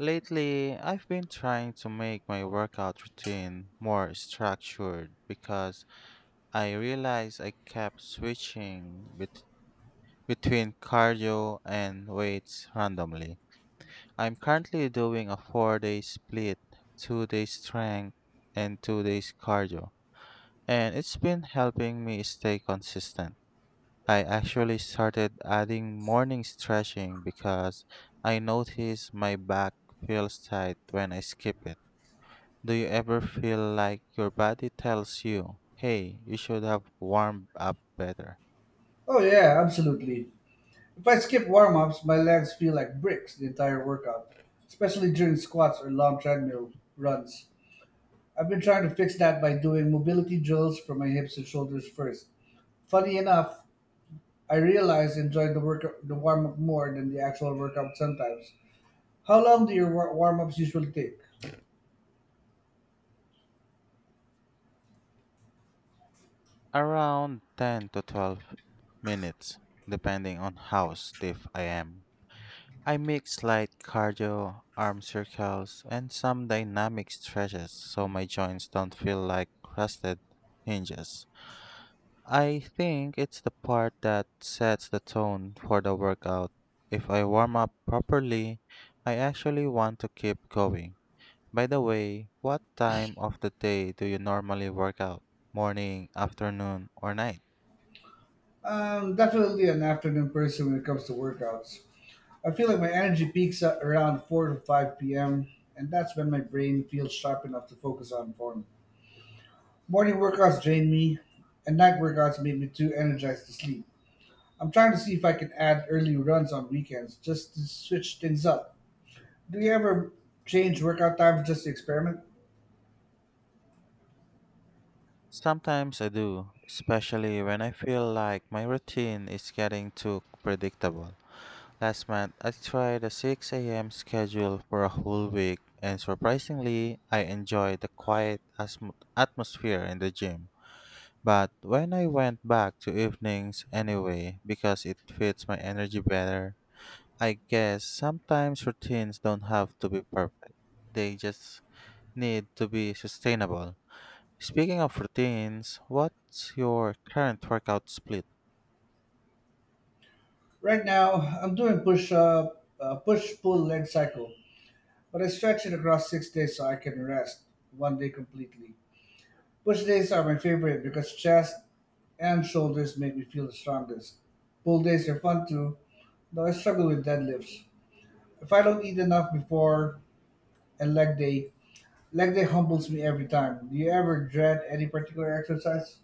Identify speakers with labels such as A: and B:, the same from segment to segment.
A: Lately, I've been trying to make my workout routine more structured because I realized I kept switching between cardio and weights randomly. I'm currently doing a 4 day split, 2 days strength, and 2 days cardio, and it's been helping me stay consistent. I actually started adding morning stretching because I notice my back feels tight when I skip it. Do you ever feel like your body tells you, hey, you should have warmed up better?
B: Oh yeah, absolutely. If I skip warm-ups, my legs feel like bricks the entire workout, especially during squats or long treadmill runs. I've been trying to fix that by doing mobility drills for my hips and shoulders first. Funny enough, I realize I enjoy the warm-up more than the actual workout sometimes. How long do your warm-ups usually take?
A: Around 10 to 12 minutes, depending on how stiff I am. I mix light cardio, arm circles, and some dynamic stretches so my joints don't feel like crusted hinges. I think it's the part that sets the tone for the workout. If I warm up properly, I actually want to keep going. By the way, what time of the day do you normally work out? Morning, afternoon, or night?
B: Definitely an afternoon person when it comes to workouts. I feel like my energy peaks at around 4 to 5 p.m., and that's when my brain feels sharp enough to focus on form. Morning workouts drain me, and night workouts make me too energized to sleep. I'm trying to see if I can add early runs on weekends just to switch things up. Do you ever change workout times just to experiment?
A: Sometimes I do, especially when I feel like my routine is getting too predictable. Last month, I tried a 6 a.m. schedule for a whole week, and surprisingly, I enjoyed the quiet atmosphere in the gym. But when I went back to evenings anyway, because it fits my energy better, I guess sometimes routines don't have to be perfect. They just need to be sustainable. Speaking of routines, what's your current workout split?
B: Right now, I'm doing push pull leg cycle, but I stretch it across 6 days so I can rest one day completely. Push days are my favorite because chest and shoulders make me feel the strongest. Pull days are fun too, though I struggle with deadlifts. If I don't eat enough before and leg day humbles me every time. Do you ever dread any particular exercise?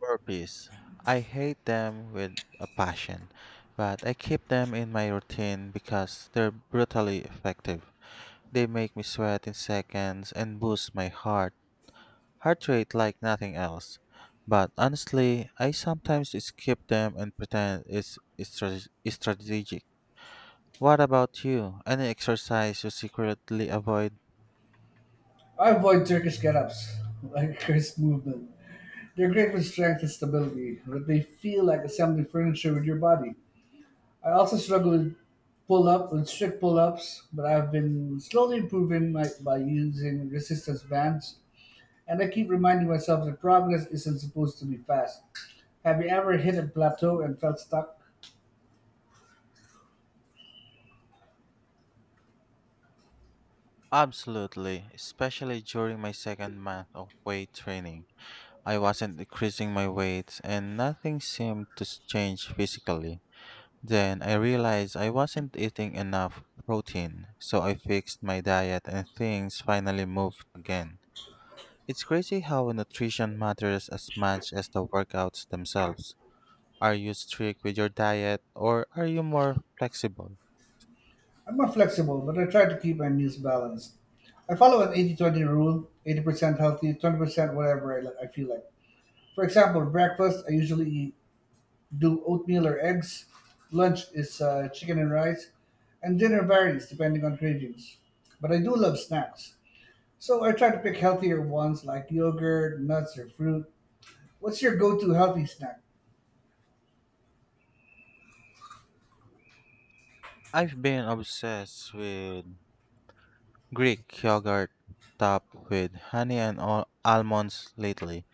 A: Burpees. I hate them with a passion, but I keep them in my routine because they're brutally effective. They make me sweat in seconds and boost my heart rate like nothing else. But honestly, I sometimes skip them and pretend it's strategic. What about you? Any exercise you secretly avoid?
B: I avoid Turkish get-ups, like a cursed movement. They're great for strength and stability, but they feel like assembling furniture with your body. I also struggle with pull up with strict pull ups, but I've been slowly improving by using resistance bands, and I keep reminding myself that progress isn't supposed to be fast. Have you ever hit a plateau and felt stuck?
A: Absolutely, especially during my second month of weight training. I wasn't increasing my weight and nothing seemed to change physically. Then I realized I wasn't eating enough protein, so I fixed my diet and things finally moved again. It's crazy how nutrition matters as much as the workouts themselves. Are you strict with your diet or are you more flexible?
B: I'm not flexible, but I try to keep my meals balanced. I follow an 80-20 rule: 80% healthy, 20% whatever I feel like. For example, breakfast, I usually eat do oatmeal or eggs. Lunch is chicken and rice, and dinner varies depending on cravings. But I do love snacks, so I try to pick healthier ones like yogurt, nuts, or fruit. What's your go to healthy snack?
A: I've been obsessed with Greek yogurt topped with honey and almonds lately.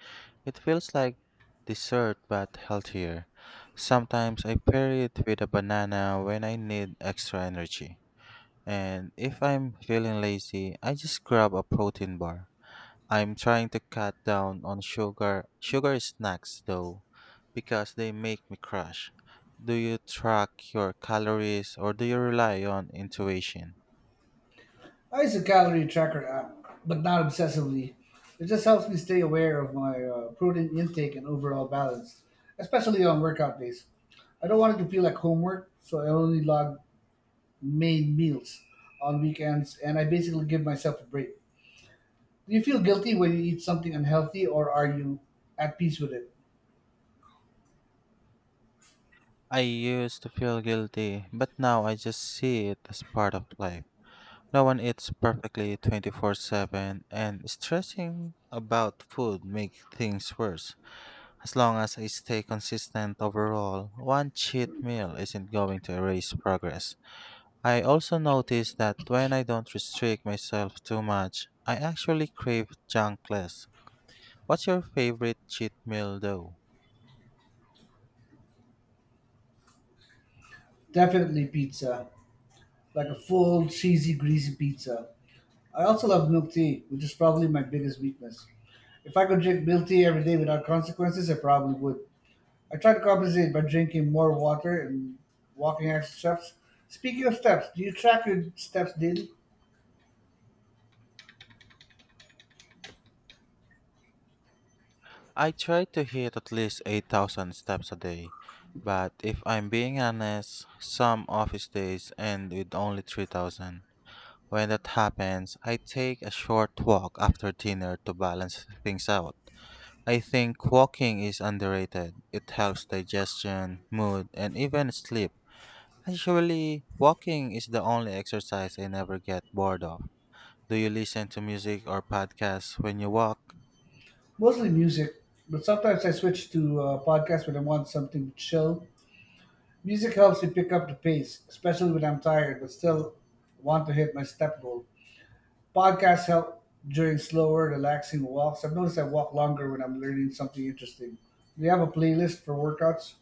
A: It feels like dessert but healthier. Sometimes I pair it with a banana when I need extra energy. And if I'm feeling lazy, I just grab a protein bar. I'm trying to cut down on sugar snacks though because they make me crash. Do you track your calories or do you rely on intuition?
B: I use a calorie tracker app, but not obsessively. It just helps me stay aware of my protein intake and overall balance, especially on workout days. I don't want it to feel like homework, so I only log main meals on weekends, and I basically give myself a break. Do you feel guilty when you eat something unhealthy or are you at peace with it?
A: I used to feel guilty, but now I just see it as part of life. No one eats perfectly 24/7, and stressing about food makes things worse. As long as I stay consistent overall, one cheat meal isn't going to erase progress. I also notice that when I don't restrict myself too much, I actually crave junk less. What's your favorite cheat meal though?
B: Definitely pizza, like a full, cheesy, greasy pizza. I also love milk tea, which is probably my biggest weakness. If I could drink milk tea every day without consequences, I probably would. I try to compensate by drinking more water and walking extra steps. Speaking of steps, do you track your steps daily?
A: I try to hit at least 8,000 steps a day, but if I'm being honest, some office days end with only 3,000. When that happens, I take a short walk after dinner to balance things out. I think walking is underrated. It helps digestion, mood, and even sleep. Actually, walking is the only exercise I never get bored of. Do you listen to music or podcasts when you walk?
B: Mostly music, but sometimes I switch to podcasts when I want something to chill. Music helps me pick up the pace, especially when I'm tired but still want to hit my step goal. Podcasts help during slower, relaxing walks. I've noticed I walk longer when I'm learning something interesting. Do you have a playlist for workouts?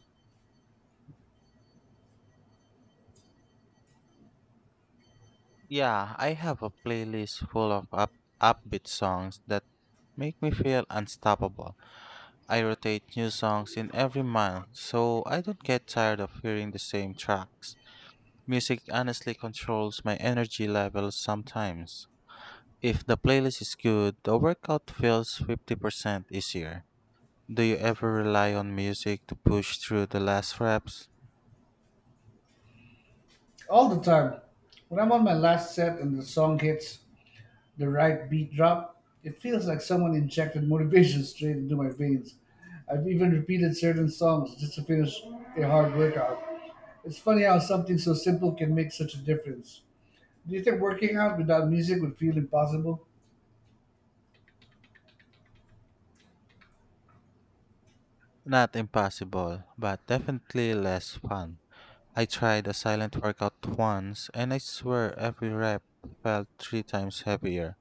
A: Yeah, I have a playlist full of up upbeat songs that make me feel unstoppable. I rotate new songs in every month, so I don't get tired of hearing the same tracks. Music honestly controls my energy levels sometimes. If the playlist is good, the workout feels 50% easier. Do you ever rely on music to push through the last reps?
B: All the time. When I'm on my last set and the song hits the right beat drop, it feels like someone injected motivation straight into my veins. I've even repeated certain songs just to finish a hard workout. It's funny how something so simple can make such a difference. Do you think working out without music would feel impossible?
A: Not impossible, but definitely less fun. I tried a silent workout once and I swear every rep felt three times heavier.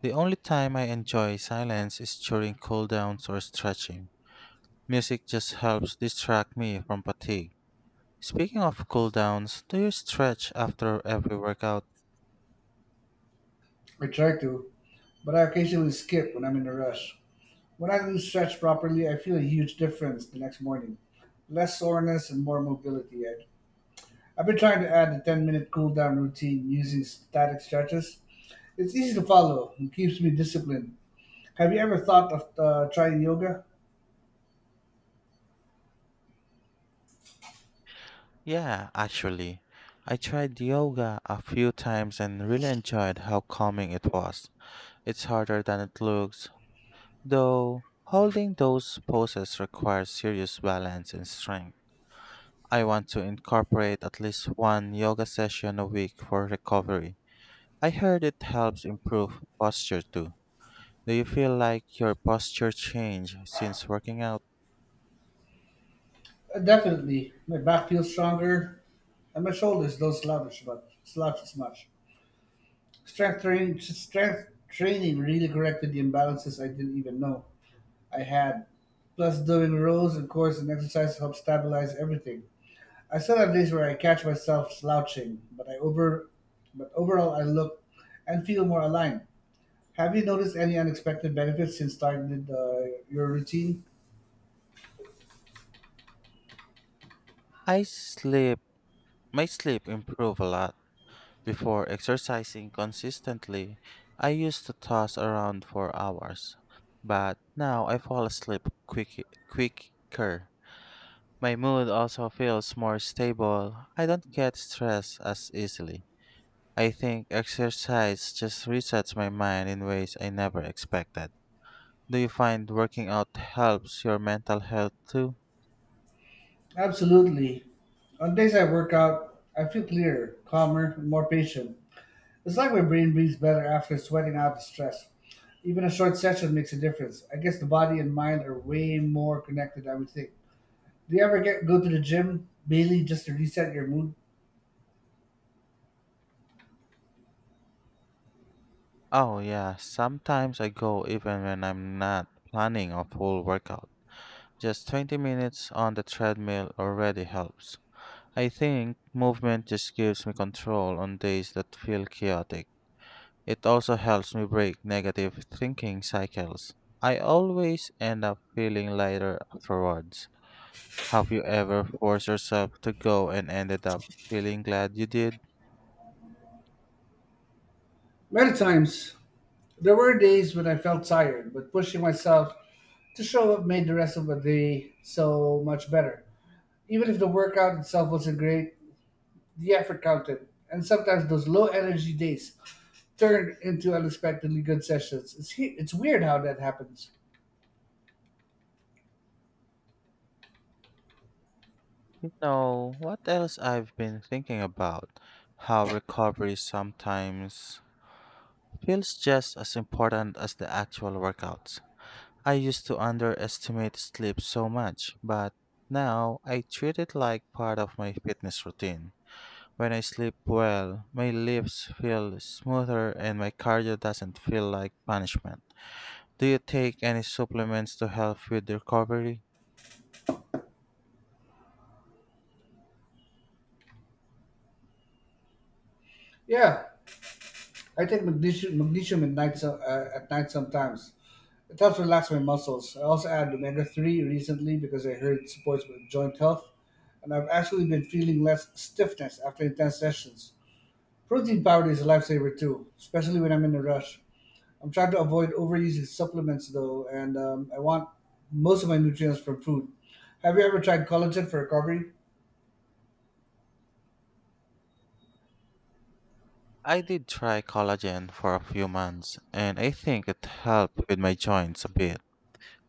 A: The only time I enjoy silence is during cooldowns or stretching. Music just helps distract me from fatigue. Speaking of cooldowns, do you stretch after every workout?
B: I try to, but I occasionally skip when I'm in a rush. When I do stretch properly, I feel a huge difference the next morning. Less soreness and more mobility. I've been trying to add a 10-minute minute cool down routine using static stretches. It's easy to follow and keeps me disciplined. Have you ever thought of trying yoga?
A: Yeah, actually. I tried yoga a few times and really enjoyed how calming it was. It's harder than it looks, though holding those poses requires serious balance and strength. I want to incorporate at least one yoga session a week for recovery. I heard it helps improve posture too. Do you feel like your posture changed since working out?
B: Definitely. My back feels stronger and my shoulders don't slouch as much. Strength training really corrected the imbalances I didn't even know I had. Plus, doing rows and cores and exercise helped stabilize everything. I still have days where I catch myself slouching, but overall I look and feel more aligned. Have you noticed any unexpected benefits since starting your routine?
A: I sleep, my sleep improved a lot. Before exercising consistently, I used to toss around for hours, but now I fall asleep quicker. My mood also feels more stable. I don't get stressed as easily. I think exercise just resets my mind in ways I never expected. Do you find working out helps your mental health too?
B: Absolutely. On days I work out, I feel clearer, calmer, and more patient. It's like my brain breathes better after sweating out the stress. Even a short session makes a difference. I guess the body and mind are way more connected than we think. Do you ever get go to the gym, Bailey, just to reset your mood?
A: Oh, yeah, sometimes I go even when I'm not planning a full workout. Just 20 minutes on the treadmill already helps. I think movement just gives me control on days that feel chaotic. It also helps me break negative thinking cycles. I always end up feeling lighter afterwards. Have you ever forced yourself to go and ended up feeling glad you did?
B: Many times. There were days when I felt tired, but pushing myself to show up made the rest of the day so much better. Even if the workout itself wasn't great, the effort counted. And sometimes those low energy days turn into unexpectedly good sessions. It's weird how that happens.
A: You know what else I've been thinking about? How recovery sometimes feels just as important as the actual workouts. I used to underestimate sleep so much, but now I treat it like part of my fitness routine. When I sleep well, my lips feel smoother and my cardio doesn't feel like punishment. Do you take any supplements to help with recovery?
B: Yeah, I take magnesium at night, at night sometimes. It helps relax my muscles. I also added omega 3 recently because I heard it supports my joint health, and I've actually been feeling less stiffness after intense sessions. Protein powder is a lifesaver too, especially when I'm in a rush. I'm trying to avoid overusing supplements though, and I want most of my nutrients from food. Have you ever tried collagen for recovery?
A: I did try collagen for a few months and I think it helped with my joints a bit.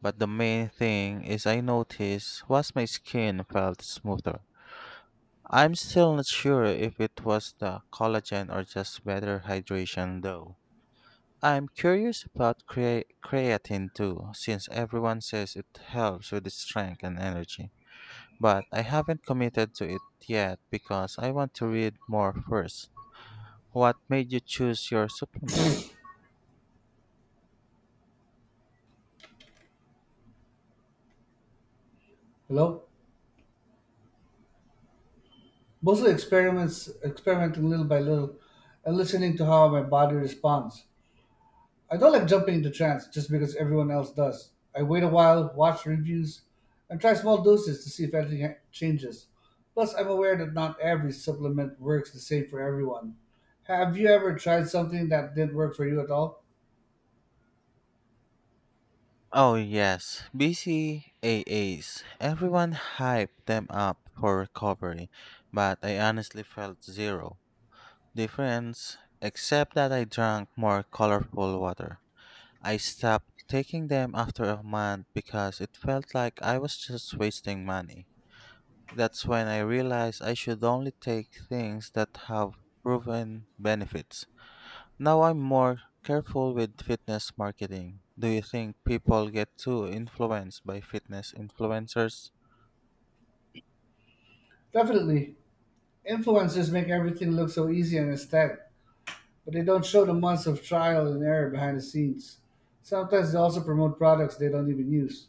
A: But the main thing is I noticed was my skin felt smoother. I'm still not sure if it was the collagen or just better hydration though. I'm curious about creatine too, since everyone says it helps with strength and energy. But I haven't committed to it yet because I want to read more first. What made you choose your supplement?
B: Hello? Mostly experimenting little by little, and listening to how my body responds. I don't like jumping into trance just because everyone else does. I wait a while, watch reviews, and try small doses to see if changes. Plus, I'm aware that not every supplement works the same for everyone. Have you ever tried something that didn't work for you at all?
A: Oh yes, BCAAs. Everyone hyped them up for recovery, but I honestly felt zero difference except that I drank more colorful water. I stopped taking them after a month because it felt like I was just wasting money. That's when I realized I should only take things that have proven benefits. Now I'm more careful with fitness marketing. Do you think people get too influenced by fitness influencers?
B: Definitely. Influencers make everything look so easy and aesthetic, but they don't show the months of trial and error behind the scenes. Sometimes they also promote products they don't even use,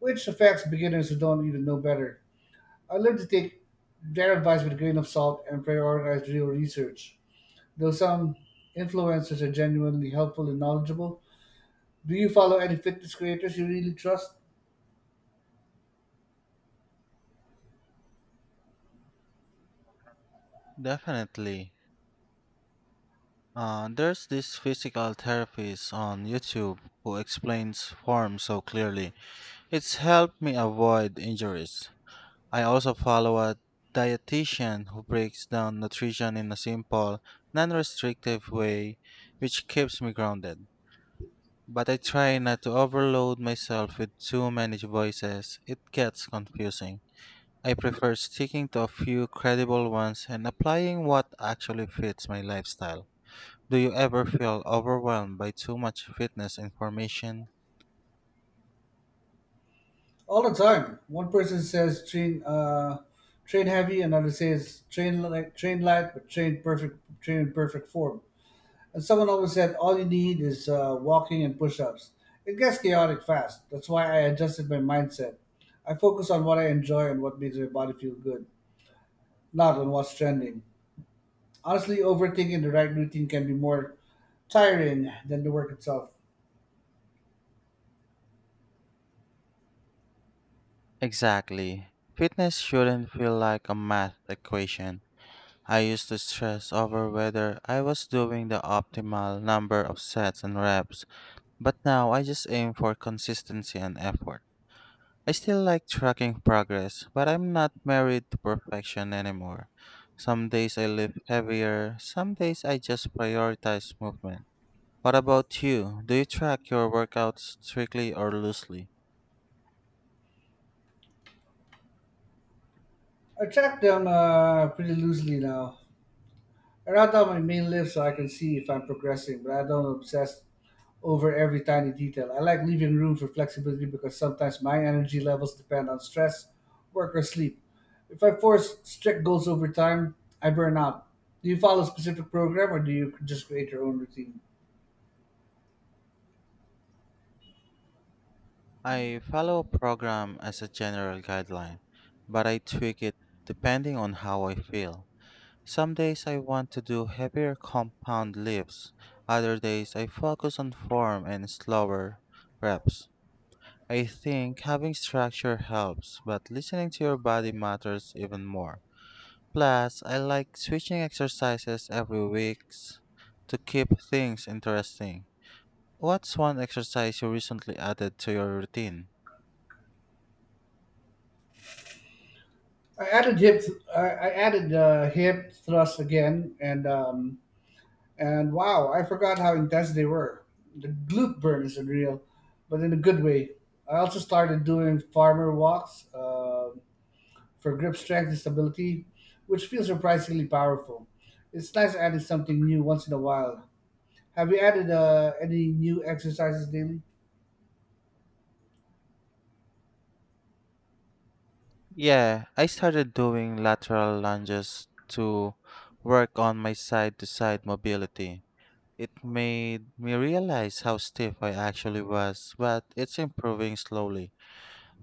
B: which affects beginners who don't even know better. I learned to take their advice with a grain of salt and prioritize real research. Though some influencers are genuinely helpful and knowledgeable, do you follow any fitness creators you really trust?
A: Definitely. There's this physical therapist on YouTube who explains form so clearly. It's helped me avoid injuries. I also follow a dietitian who breaks down nutrition in a simple, non restrictive way, which keeps me grounded. But I try not to overload myself with too many voices, it gets confusing. I prefer sticking to a few credible ones and applying what actually fits my lifestyle. Do you ever feel overwhelmed by too much fitness information?
B: All the time. One person says train heavy, another says train light, but train in perfect form. And someone always said all you need is walking and push-ups. It gets chaotic fast. That's why I adjusted my mindset. I focus on what I enjoy and what makes my body feel good, not on what's trending. Honestly, overthinking the right routine can be more tiring than the work itself.
A: Exactly. Fitness shouldn't feel like a math equation. I used to stress over whether I was doing the optimal number of sets and reps, but now I just aim for consistency and effort. I still like tracking progress, but I'm not married to perfection anymore. Some days I lift heavier, some days I just prioritize movement. What about you? Do you track your workouts strictly or loosely?
B: I track them pretty loosely now. I write down my main list so I can see if I'm progressing, but I don't obsess over every tiny detail. I like leaving room for flexibility because sometimes my energy levels depend on stress, work, or sleep. If I force strict goals over time, I burn out. Do you follow a specific program or do you just create your own routine?
A: I follow a program as a general guideline, but I tweak it depending on how I feel. Some days I want to do heavier compound lifts. Other days I focus on form and slower reps. I think having structure helps, but listening to your body matters even more. Plus, I like switching exercises every week to keep things interesting. What's one exercise you recently added to your routine?
B: I added hip. I added hip thrust again, and wow, I forgot how intense they were. The glute burn is unreal, but in a good way. I also started doing farmer walks for grip strength and stability, which feels surprisingly powerful. It's nice adding something new once in a while. Have you added any new exercises daily?
A: Yeah, I started doing lateral lunges to work on my side to side mobility. It made me realize how stiff I actually was, but it's improving slowly.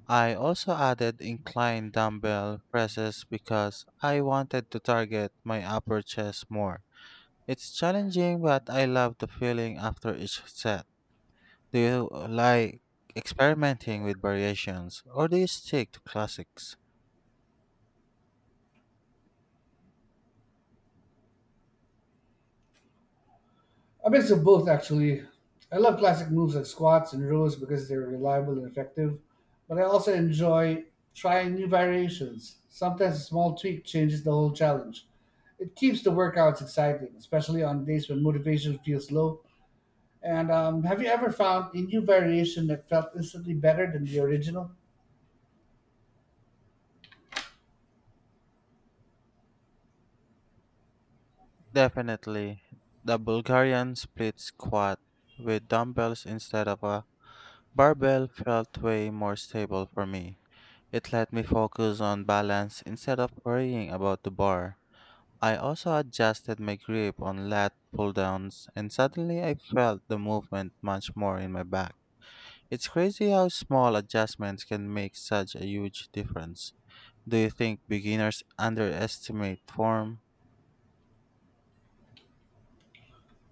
A: I also added incline dumbbell presses because I wanted to target my upper chest more. It's challenging, but I love the feeling after each set. Do you like experimenting with variations or do you stick to classics?
B: A mix of both, actually. I love classic moves like squats and rows because they're reliable and effective, but I also enjoy trying new variations. Sometimes a small tweak changes the whole challenge. It keeps the workouts exciting, especially on days when motivation feels low. And have you ever found a new variation that felt instantly better than the original?
A: Definitely. The Bulgarian split squat with dumbbells instead of a barbell felt way more stable for me. It let me focus on balance instead of worrying about the bar. I also adjusted my grip on lat pull downs, and suddenly I felt the movement much more in my back. It's crazy how small adjustments can make such a huge difference. Do you think beginners underestimate form?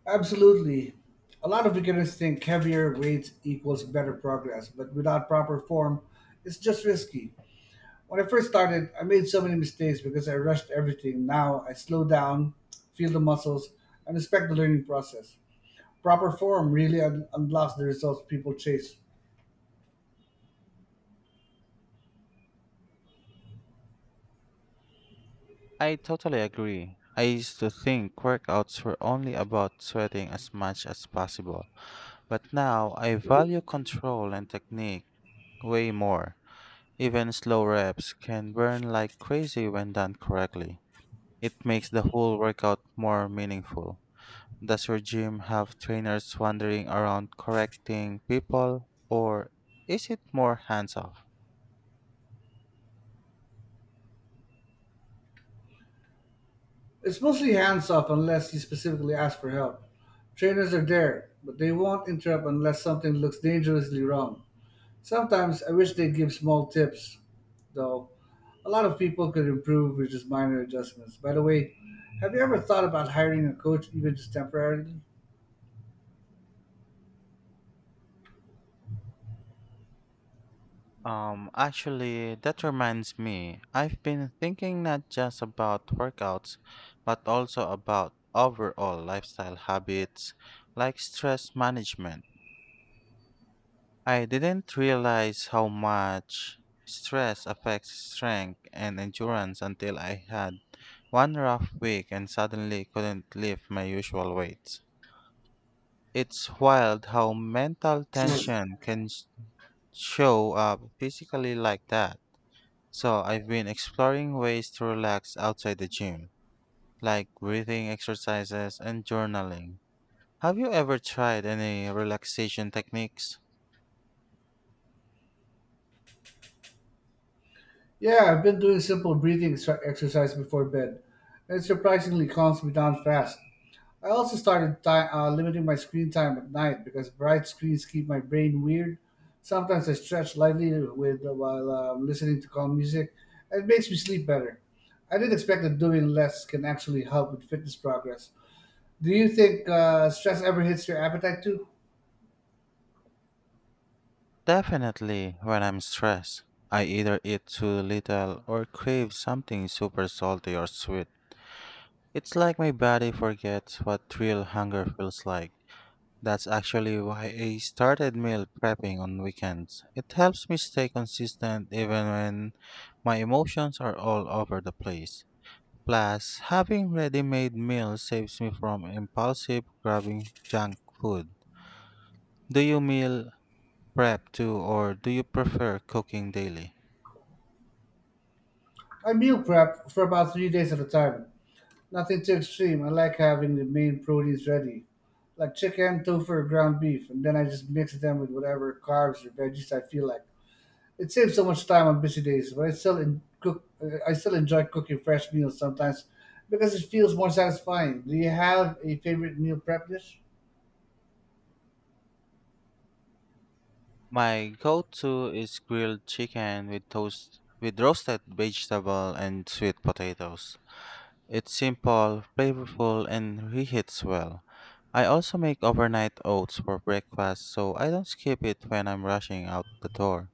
B: Absolutely. A lot of beginners think heavier weights equals better progress, but without proper form, it's just risky. When I first started, I made so many mistakes because I rushed everything. Now I slow down, feel the muscles, and respect the learning process. Proper form really unblocks the results people chase.
A: I totally agree. I used to think workouts were only about sweating as much as possible, but now I value control and technique way more. Even slow reps can burn like crazy when done correctly. It makes the whole workout more meaningful. Does your gym have trainers wandering around correcting people, or is it more hands off?
B: It's mostly hands off unless you specifically ask for help. Trainers are there, but they won't interrupt unless something looks dangerously wrong. Sometimes I wish they would give small tips, though. A lot of people could improve with just minor adjustments. By the way, have you ever thought about hiring a coach even just temporarily?
A: Actually, that reminds me, I've been thinking not just about workouts, but also about overall lifestyle habits like stress management. I didn't realize how much stress affects strength and endurance until I had one rough week and suddenly couldn't lift my usual weights. It's wild how mental tension can show up physically like that. So I've been exploring ways to relax outside the gym, like breathing exercises and journaling. Have you ever tried any relaxation techniques?
B: Yeah, I've been doing simple breathing exercise before bed, and it surprisingly calms me down fast. I also started limiting my screen time at night because bright screens keep my brain weird. Sometimes I stretch lightly with while listening to calm music, and it makes me sleep better. I didn't expect that doing less can actually help with fitness progress. Do you think stress ever hits your appetite too?
A: Definitely, when I'm stressed, I either eat too little or crave something super salty or sweet. It's like my body forgets what real hunger feels like. That's actually why I started meal prepping on weekends. It helps me stay consistent even when my emotions are all over the place. Plus, having ready made meals saves me from impulsive grabbing junk food. Do you meal prep too, or do you prefer cooking daily?
B: I meal prep for about 3 days at a time. Nothing too extreme. I like having the main proteins ready, like chicken, tofu, or ground beef, and then I just mix them with whatever carbs or veggies I feel like. It saves so much time on busy days, but I still in cook. I still enjoy cooking fresh meals sometimes because it feels more satisfying. Do you have a favorite meal prep dish?
A: My go-to is grilled chicken with toast with roasted vegetable and sweet potatoes. It's simple, flavorful, and reheats well. I also make overnight oats for breakfast so I don't skip it when I'm rushing out the door.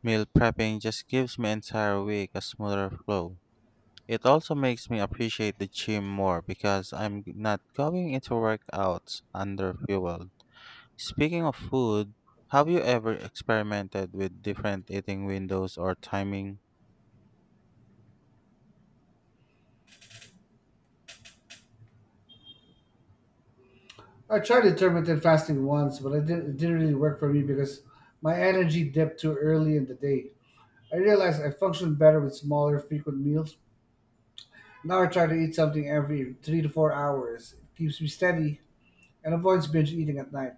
A: Meal prepping just gives my entire week a smoother flow. It also makes me appreciate the gym more because I'm not going into workouts under fueled. Speaking of food, have you ever experimented with different eating windows or timing?
B: I tried intermittent fasting once, but I didn't, it didn't really work for me because my energy dipped too early in the day. I realized I functioned better with smaller, frequent meals. Now I try to eat something every 3 to 4 hours. It keeps me steady and avoids binge eating at night.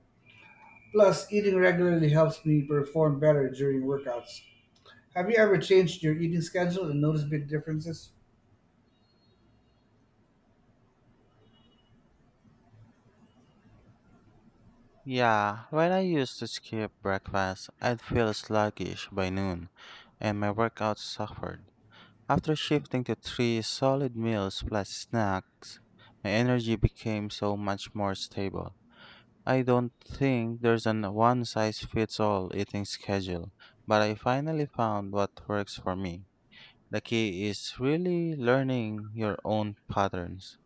B: Plus, eating regularly helps me perform better during workouts. Have you ever changed your eating schedule and noticed big differences?
A: Yeah, when I used to skip breakfast, I'd feel sluggish by noon, and my workout suffered. After shifting to three solid meals plus snacks, my energy became so much more stable. I don't think there's an one size fits all eating schedule, but I finally found what works for me. The key is really learning your own patterns.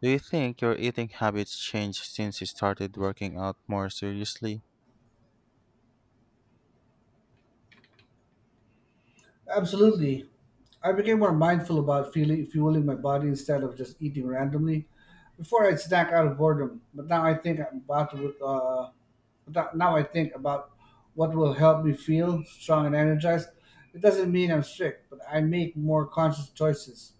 A: Do you think your eating habits changed since you started working out more seriously?
B: Absolutely. I became more mindful about fueling my body instead of just eating randomly. Before I'd snack out of boredom, but now I think I'm about to. But now I think about what will help me feel strong and energized. It doesn't mean I'm strict, but I make more conscious choices.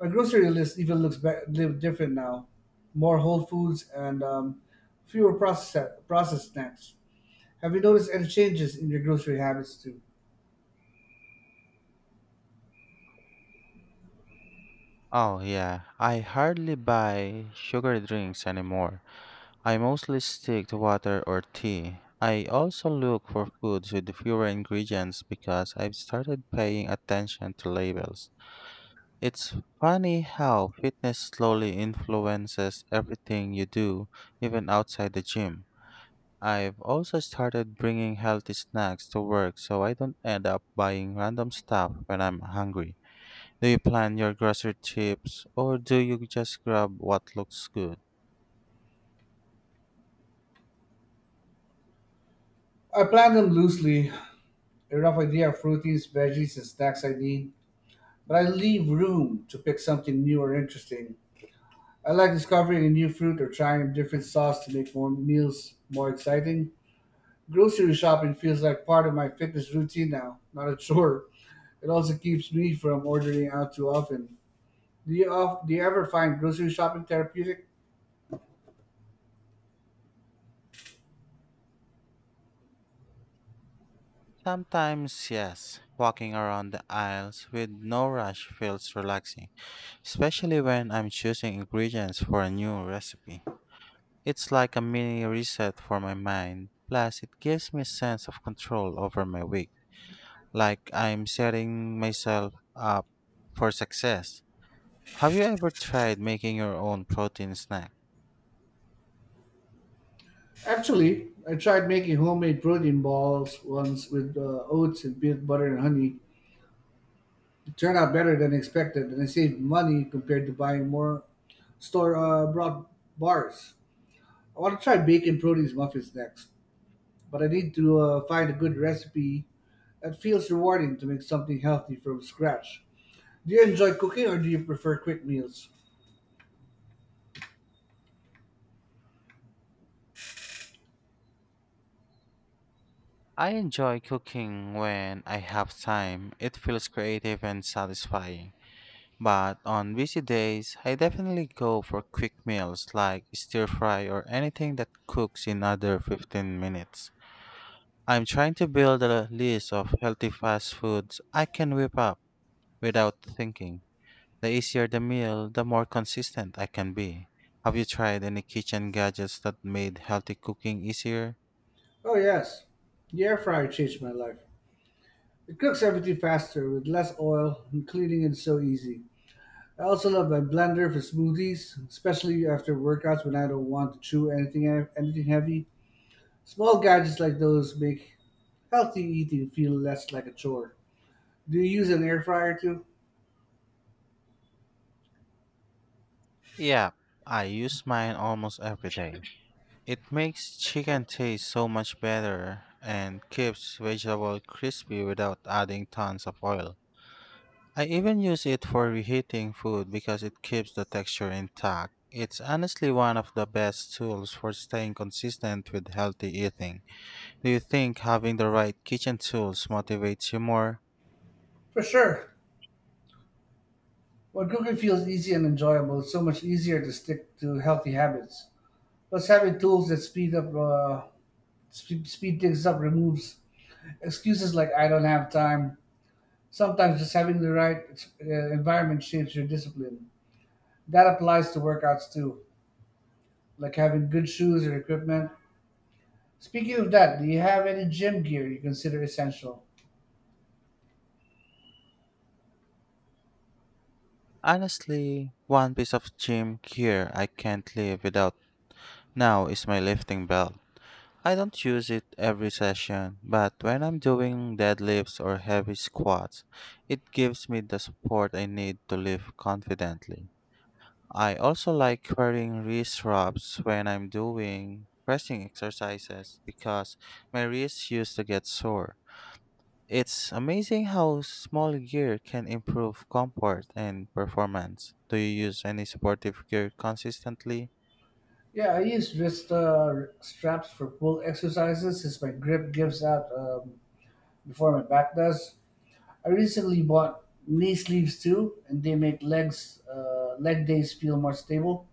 B: My grocery list even looks be- live different now, more whole foods and fewer processed snacks. Have you noticed any changes in your grocery habits too?
A: Oh, yeah. I hardly buy sugar drinks anymore. I mostly stick to water or tea. I also look for foods with fewer ingredients because I've started paying attention to labels. It's funny how fitness slowly influences everything you do, even outside the gym. I've also started bringing healthy snacks to work so I don't end up buying random stuff when I'm hungry. Do you plan your grocery trips or do you just grab what looks good?
B: I plan them loosely, a rough idea of proteins, veggies, and snacks I need, but I leave room to pick something new or interesting. I like discovering a new fruit or trying a different sauce to make more meals more exciting. Grocery shopping feels like part of my fitness routine now, not a chore. It also keeps me from ordering out too often. Do you ever find grocery shopping therapeutic?
A: Sometimes, yes, walking around the aisles with no rush feels relaxing, especially when I'm choosing ingredients for a new recipe. It's like a mini reset for my mind, plus, it gives me a sense of control over my week, like I'm setting myself up for success. Have you ever tried making your own protein snack?
B: Actually, I tried making homemade protein balls once with oats and peanut butter and honey. Turned out better than expected, and I saved money compared to buying more store brought bars. I want to try baking produce muffins next, but I need to find a good recipe that feels rewarding to make something healthy from scratch. Do you enjoy cooking or do you prefer quick meals?
A: I enjoy cooking when I have time. It feels creative and satisfying. But on busy days, I definitely go for quick meals like stir fry or anything that cooks in under 15 minutes. I'm trying to build a list of healthy fast foods I can whip up without thinking. The easier the meal, the more consistent I can be. Have you tried any kitchen gadgets that made healthy cooking easier?
B: Oh, yes. The air fryer changed my life. It cooks everything faster with less oil, and cleaning is so easy. I also love my blender for smoothies, especially after workouts when I don't want to chew anything heavy. Small gadgets like those make healthy eating feel less like a chore. Do you use an air fryer too?
A: Yeah, I use mine almost every day. It makes chicken taste so much better and keeps vegetables crispy without adding tons of oil. I even use it for reheating food because it keeps the texture intact. It's honestly one of the best tools for staying consistent with healthy eating. Do you think having the right kitchen tools motivates you more?
B: For sure. When cooking feels easy and enjoyable, it's so much easier to stick to healthy habits. Plus, having tools that speed up, sp- speed things up, removes excuses like "I don't have time." Sometimes just having the right environment shapes your discipline. That applies to workouts too, like having good shoes or equipment. Speaking of that, do you have any gym gear you consider essential?
A: Honestly, one piece of gym gear I can't live without now is my lifting belt. I don't use it every session, but when I'm doing deadlifts or heavy squats, it gives me the support I need to lift confidently. I also like wearing wrist wraps when I'm doing pressing exercises because my wrists used to get sore. It's amazing how small gear can improve comfort and performance. Do you use any supportive gear consistently?
B: Yeah, I use wrist straps for pull exercises since my grip gives out before my back does. I recently bought knee sleeves too, and they make leg days feel more stable.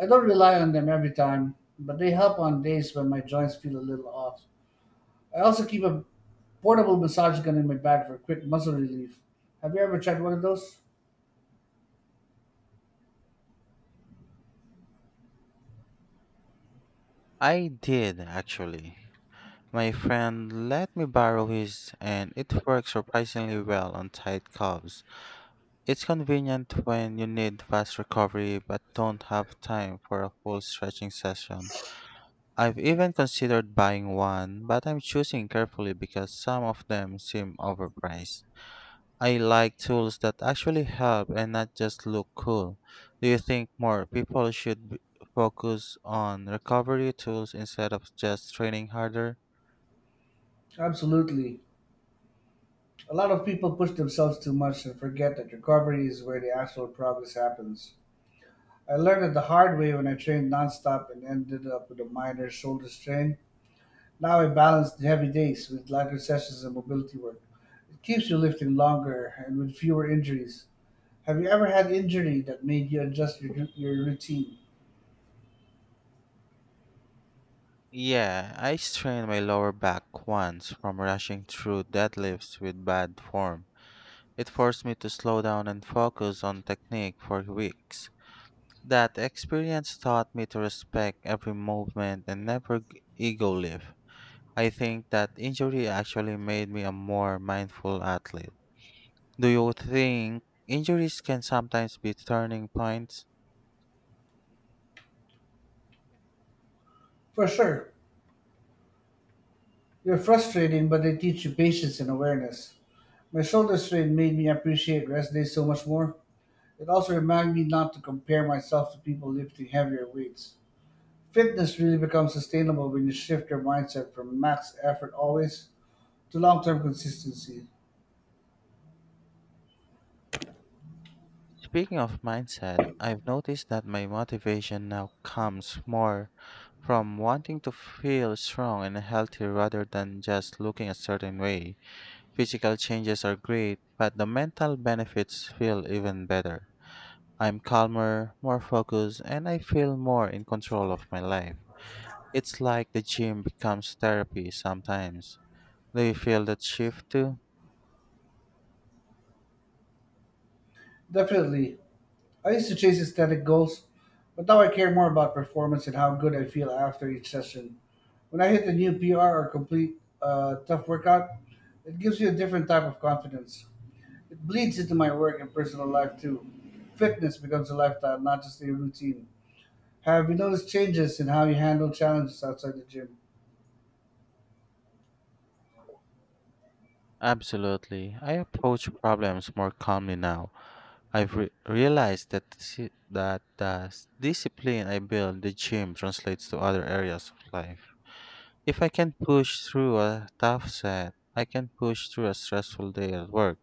B: I don't rely on them every time, but they help on days when my joints feel a little off. I also keep a portable massage gun in my bag for quick muscle relief. Have you ever tried one of those?
A: I did actually. My friend let me borrow his and it works surprisingly well on tight calves. It's convenient when you need fast recovery but don't have time for a full stretching session. I've even considered buying one, but I'm choosing carefully because some of them seem overpriced. I like tools that actually help and not just look cool. Do you think more people should focus on recovery tools instead of just training harder?
B: Absolutely. A lot of people push themselves too much and forget that recovery is where the actual progress happens. I learned it the hard way when I trained nonstop and ended up with a minor shoulder strain. Now I balance the heavy days with lighter sessions and mobility work. It keeps you lifting longer and with fewer injuries. Have you ever had injury that made you adjust your routine?
A: Yeah, I strained my lower back once from rushing through deadlifts with bad form. It forced me to slow down and focus on technique for weeks. That experience taught me to respect every movement and never ego lift. I think that injury actually made me a more mindful athlete. Do you think injuries can sometimes be turning points?
B: For sure. They're frustrating, but they teach you patience and awareness. My shoulder strain made me appreciate rest days so much more. It also reminded me not to compare myself to people lifting heavier weights. Fitness really becomes sustainable when you shift your mindset from max effort always to long term consistency.
A: Speaking of mindset, I've noticed that my motivation now comes more from wanting to feel strong and healthy rather than just looking a certain way. Physical changes are great, but the mental benefits feel even better. I'm calmer, more focused, and I feel more in control of my life. It's like the gym becomes therapy sometimes. Do you feel that shift too?
B: Definitely. I used to chase aesthetic goals, but now I care more about performance and how good I feel after each session. When I hit a new PR or complete a tough workout, it gives me a different type of confidence. It bleeds into my work and personal life too. Fitness becomes a lifestyle, not just a routine. Have you noticed changes in how you handle challenges outside the gym?
A: Absolutely. I approach problems more calmly now. I've re- realized that disi- that the s- discipline I build the gym translates to other areas of life. If I can push through a tough set, I can push through a stressful day at work.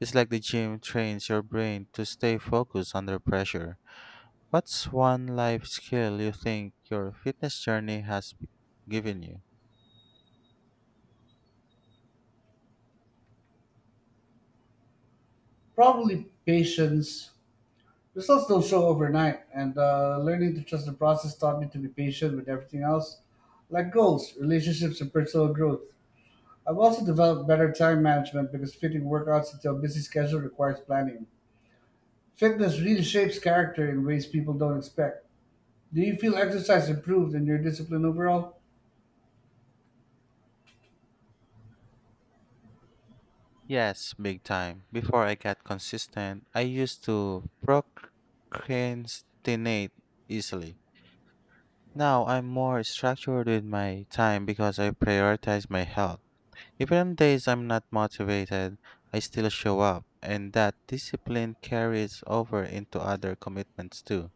A: It's like the gym trains your brain to stay focused under pressure. What's one life skill you think your fitness journey has given you?
B: Probably patience. Results don't show overnight, and learning to trust the process taught me to be patient with everything else, like goals, relationships, and personal growth. I've also developed better time management because fitting workouts into a busy schedule requires planning. Fitness really shapes character in ways people don't expect. Do you feel exercise improved in your discipline overall?
A: Yes, big time. Before I got consistent, I used to procrastinate easily. Now I'm more structured with my time because I prioritize my health. Even on days I'm not motivated, I still show up, and that discipline carries over into other commitments too.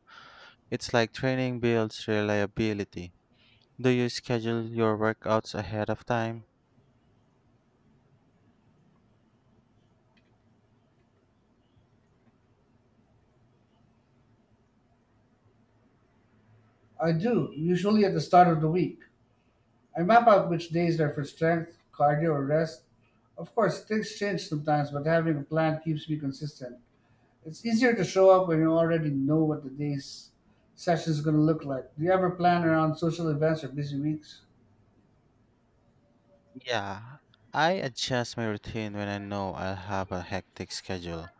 A: It's like training builds reliability. Do you schedule your workouts ahead of time?
B: I do, usually at the start of the week. I map out which days are for strength, cardio, or rest. Of course, things change sometimes, but having a plan keeps me consistent. It's easier to show up when you already know what the day's session is going to look like. Do you ever plan around social events or busy weeks?
A: Yeah, I adjust my routine when I know I'll have a hectic schedule.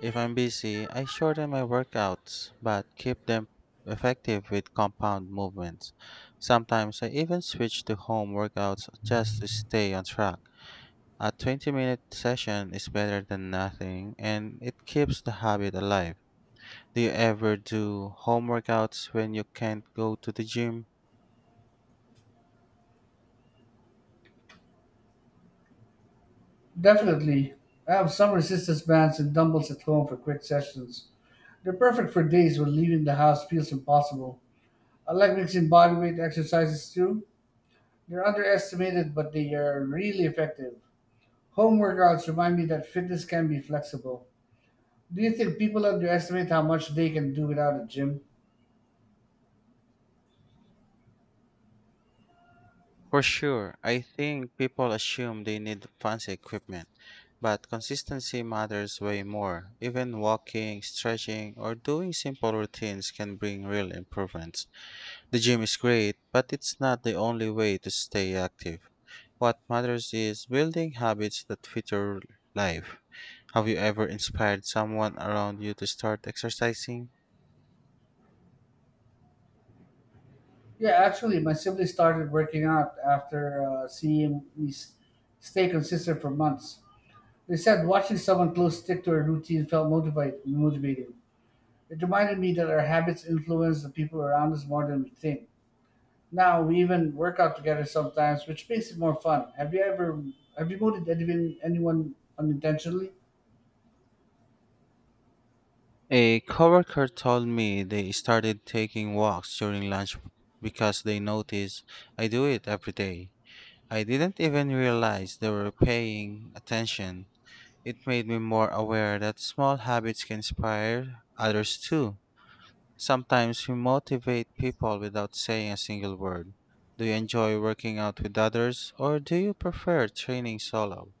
A: If I'm busy, I shorten my workouts, but keep them effective with compound movements. Sometimes I even switch to home workouts just to stay on track. A 20-minute session is better than nothing and it keeps the habit alive. Do you ever do home workouts when you can't go to the gym?
B: Definitely. I have some resistance bands and dumbbells at home for quick sessions. They're perfect for days when leaving the house feels impossible. I like mixing bodyweight exercises too. They're underestimated, but they are really effective. Home workouts remind me that fitness can be flexible. Do you think people underestimate how much they can do without a gym?
A: For sure, I think people assume they need fancy equipment, but consistency matters way more. Even walking, stretching, or doing simple routines can bring real improvements. The gym is great, but it's not the only way to stay active. What matters is building habits that fit your life. Have you ever inspired someone around you to start exercising?
B: Yeah, actually, my sibling started working out after stay consistent for months. They said watching someone close stick to a routine felt motivating. It reminded me that our habits influence the people around us more than we think. Now we even work out together sometimes, which makes it more fun. Have you motivated anyone unintentionally?
A: A coworker told me they started taking walks during lunch because they noticed I do it every day. I didn't even realize they were paying attention. It made me more aware that small habits can inspire others too. Sometimes we motivate people without saying a single word. Do you enjoy working out with others or do you prefer training solo?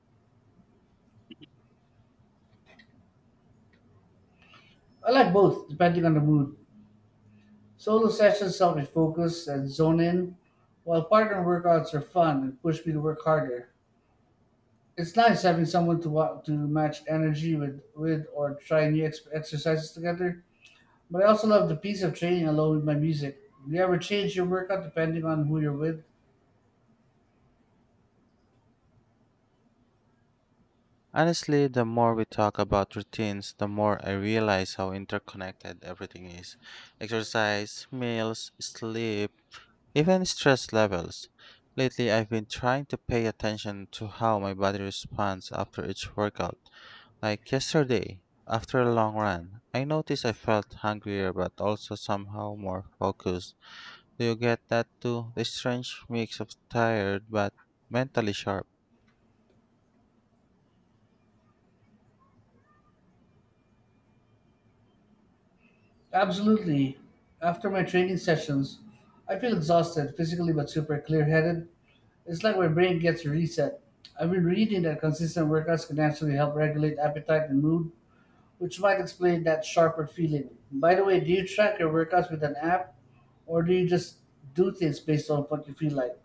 B: I like both, depending on the mood. Solo sessions help me focus and zone in, while partner workouts are fun and push me to work harder. It's nice having someone to to match energy with or try new exercises together. But I also love the peace of training alone with my music. Do you ever change your workout depending on who you're with?
A: Honestly, the more we talk about routines, the more I realize how interconnected everything is. Exercise, meals, sleep, even stress levels. Lately, I've been trying to pay attention to how my body responds after each workout. Like yesterday, after a long run, I noticed I felt hungrier but also somehow more focused. Do you get that too? The strange mix of tired but mentally sharp.
B: Absolutely. After my training sessions, I feel exhausted physically but super clear headed. It's like my brain gets a reset. I've been reading that consistent workouts can actually help regulate appetite and mood, which might explain that sharper feeling. By the way, do you track your workouts with an app or do you just do things based on what you feel like?